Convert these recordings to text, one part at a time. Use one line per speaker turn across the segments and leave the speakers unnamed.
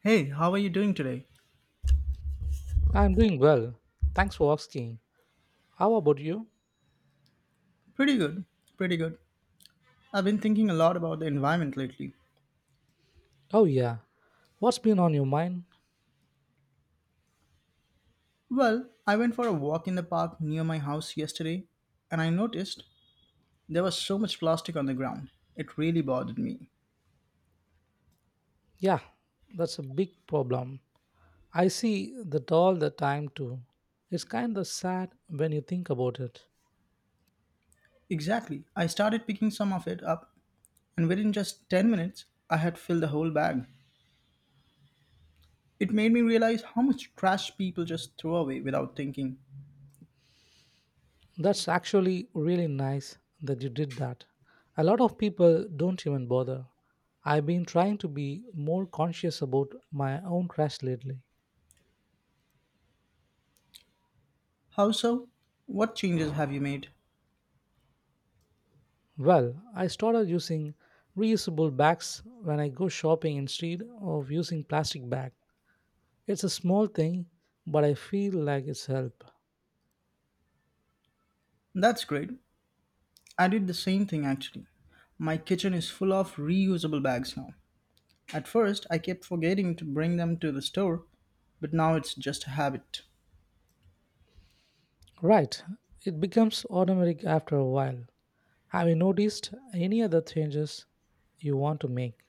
Hey, how are you doing today?
I'm doing well. Thanks for asking. How about you?
Pretty good, pretty good. I've been thinking a lot about the environment lately.
Oh, yeah. What's been on your mind?
Well, I went for a walk in the park near my house yesterday and I noticed there was so much plastic on the ground. It really bothered me.
Yeah, that's a big problem. I see that all the time too. It's kind of sad when you think about it.
Exactly. I started picking some of it up and within just 10 minutes, I had filled the whole bag. It made me realize how much trash people just throw away without thinking.
That's actually really nice that you did that. A lot of people don't even bother. I've been trying to be more conscious about my own trash lately.
How so? What changes have you made?
Well, I started using reusable bags when I go shopping instead of using plastic bag. It's a small thing, but I feel like it's help.
That's great. I did the same thing actually. My kitchen is full of reusable bags now. At first, I kept forgetting to bring them to the store, but now it's just a habit.
Right, it becomes automatic after a while. Have you noticed any other changes you want to make?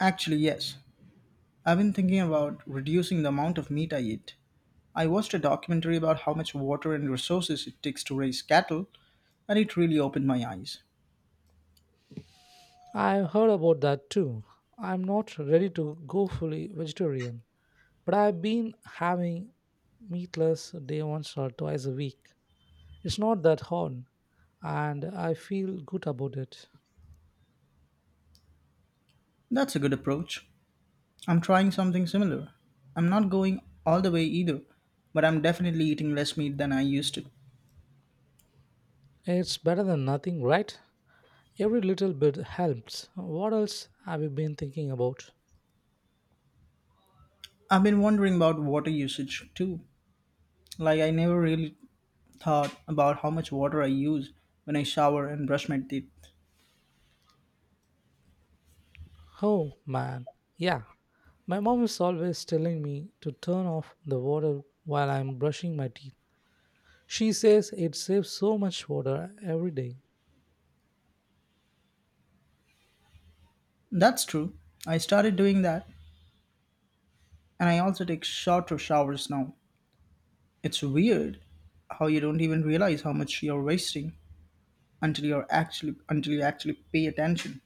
Actually, yes, I've been thinking about reducing the amount of meat I eat. I watched a documentary about how much water and resources it takes to raise cattle, and it really opened my eyes.
I have heard about that too. I'm not ready to go fully vegetarian, but I've been having meatless day once or twice a week. It's not that hard, and I feel good about it.
That's a good approach. I'm trying something similar. I'm not going all the way either, but I'm definitely eating less meat than I used to.
It's better than nothing, right? Every little bit helps. What else have you been thinking about?
I've been wondering about water usage too. Like, I never really thought about how much water I use when I shower and brush my teeth.
Oh man, yeah. My mom is always telling me to turn off the water while I'm brushing my teeth. She says it saves so much water every day.
That's true. I started doing that, and I also take shorter showers now. It's weird how you don't even realize how much you're wasting until you actually pay attention.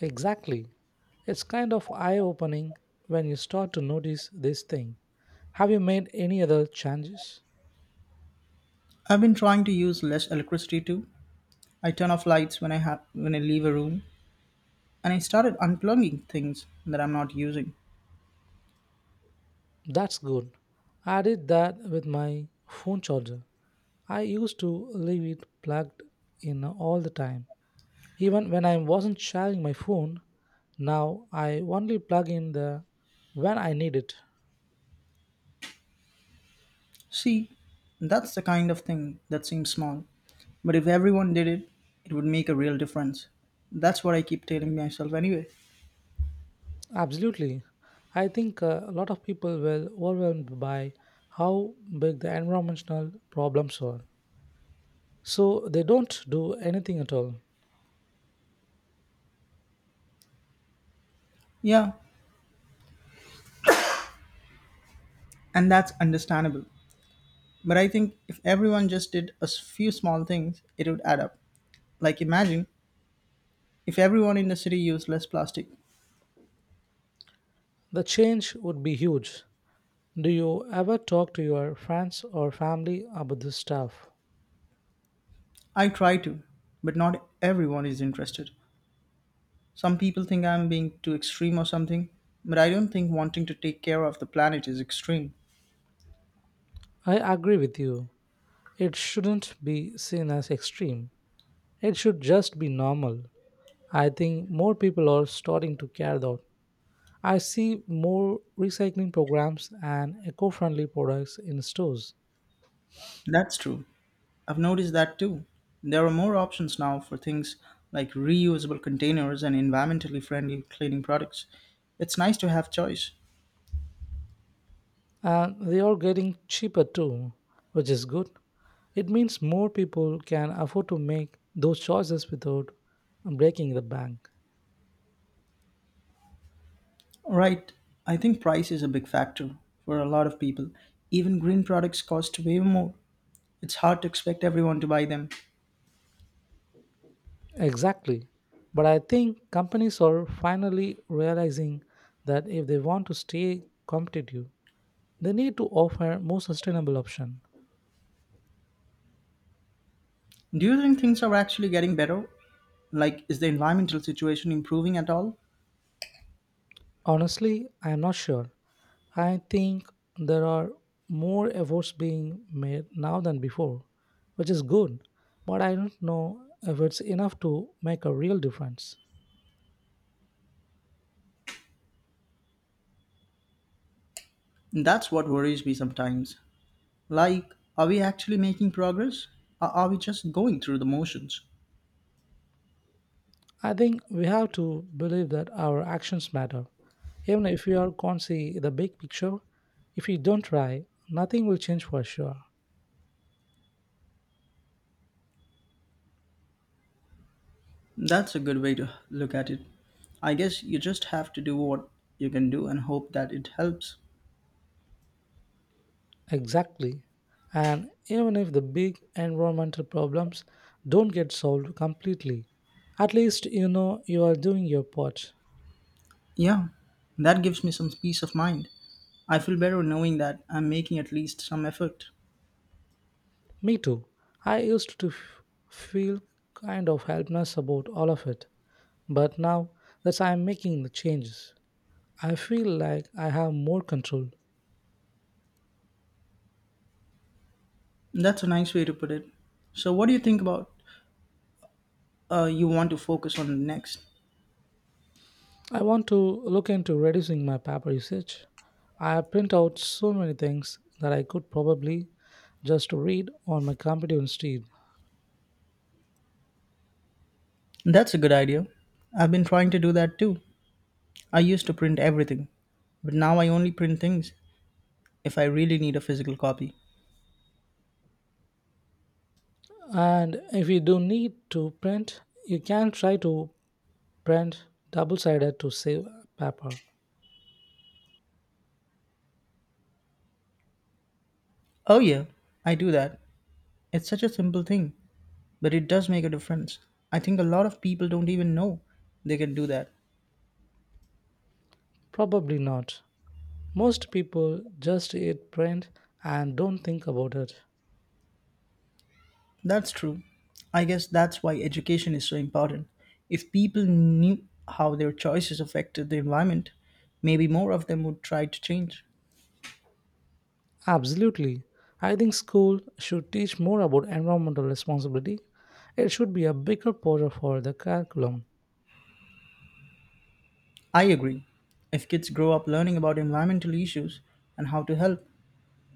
Exactly. It's kind of eye opening when you start to notice this thing. Have you made any other changes?
I've been trying to use less electricity too. I turn off lights when I leave a room, and I started unplugging things that I'm not using.
That's good. I did that with my phone charger. I used to leave it plugged in all the time, even when I wasn't sharing my phone. Now I only plug in the when I need it.
See, that's the kind of thing that seems small, but if everyone did it, it would make a real difference. That's what I keep telling myself anyway.
Absolutely, I think a lot of people were overwhelmed by how big the environmental problems are, so they don't do anything at all.
Yeah, and that's understandable. But I think if everyone just few small things, it would add up. Like imagine if everyone in the city used less plastic.
The change would be huge. Do you ever talk to your friends or family about this stuff?
I try to, but not everyone is interested. Some people think I'm being too extreme or something, but I don't think wanting to take care of the planet is extreme.
I agree with you. It shouldn't be seen as extreme. It should just be normal. I think more people are starting to care though. I see more recycling programs and eco friendly products in stores.
That's true. I've noticed that too. There are more options now for things like reusable containers and environmentally friendly cleaning products. It's nice to have choice.
And they are getting cheaper too, which is good. It means more people can afford to make those choices without breaking the bank.
Right, I think price is a big factor for a lot of people. Even green products cost way more. It's hard to expect everyone to buy them.
Exactly. But I think companies are finally realizing that if they want to stay competitive, they need to offer more sustainable options.
Do you think things are actually getting better? Like, is the environmental situation improving at all?
Honestly, I am not sure. I think there are more efforts being made now than before, which is good, but I don't know if it's enough to make a real difference.
That's what worries me sometimes. Like, are we actually making progress? Or are we just going through the motions?
I think we have to believe that our actions matter. Even if we are can't see the big picture, if we don't try, nothing will change for sure.
That's a good way to look at it. I guess you just have to do what you can do and hope that it helps.
Exactly. And even if the big environmental problems don't get solved completely, at least you know you are doing your part.
Yeah, that gives me some peace of mind. I feel better knowing that I'm making at least some effort.
Me too. I used to feel kind of helpless about all of it, but now that I'm making the changes, I feel like I have more control.
That's a nice way to put it. So, what do you think about you want to focus on next?
I want to look into reducing my paper usage. I print out so many things that I could probably just read on my computer instead.
That's a good idea. I've been trying to do that too. I used to print everything, but now I only print things if I really need a physical copy.
And if you do need to print, you can try to print double sided to save paper.
Oh, yeah, I do that. It's such a simple thing, but it does make a difference. I think a lot of people don't even know they can do that.
Probably not. Most people just eat print and don't think about it.
That's true. I guess that's why education is so important. If people knew how their choices affected the environment, maybe more of them would try to change.
Absolutely. I think school should teach more about environmental responsibility. It should be a bigger portion for the curriculum.
I agree. If kids grow up learning about environmental issues and how to help,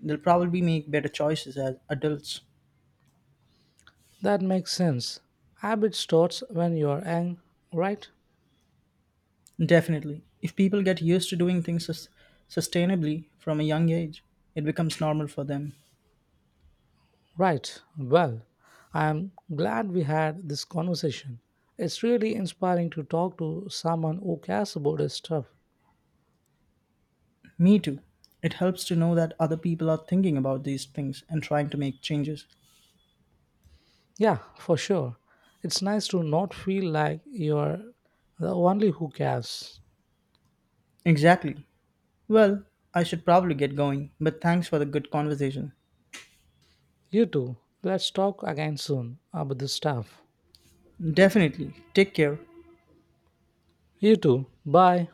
they'll probably make better choices as adults.
That makes sense. Habit starts when you are young, right?
Definitely. If people get used to sustainably from a young age, it becomes normal for them.
Right. Well, I am glad we had this conversation. It's really inspiring to talk to someone who cares about his stuff.
Me too. It helps to know that other people are thinking about these things and trying to make changes.
Yeah, for sure. It's nice to not feel like you're the only who cares.
Exactly. Well, I should probably get going, but thanks for the good conversation.
You too. Let's talk again soon about this stuff.
Definitely. Take care.
You too. Bye.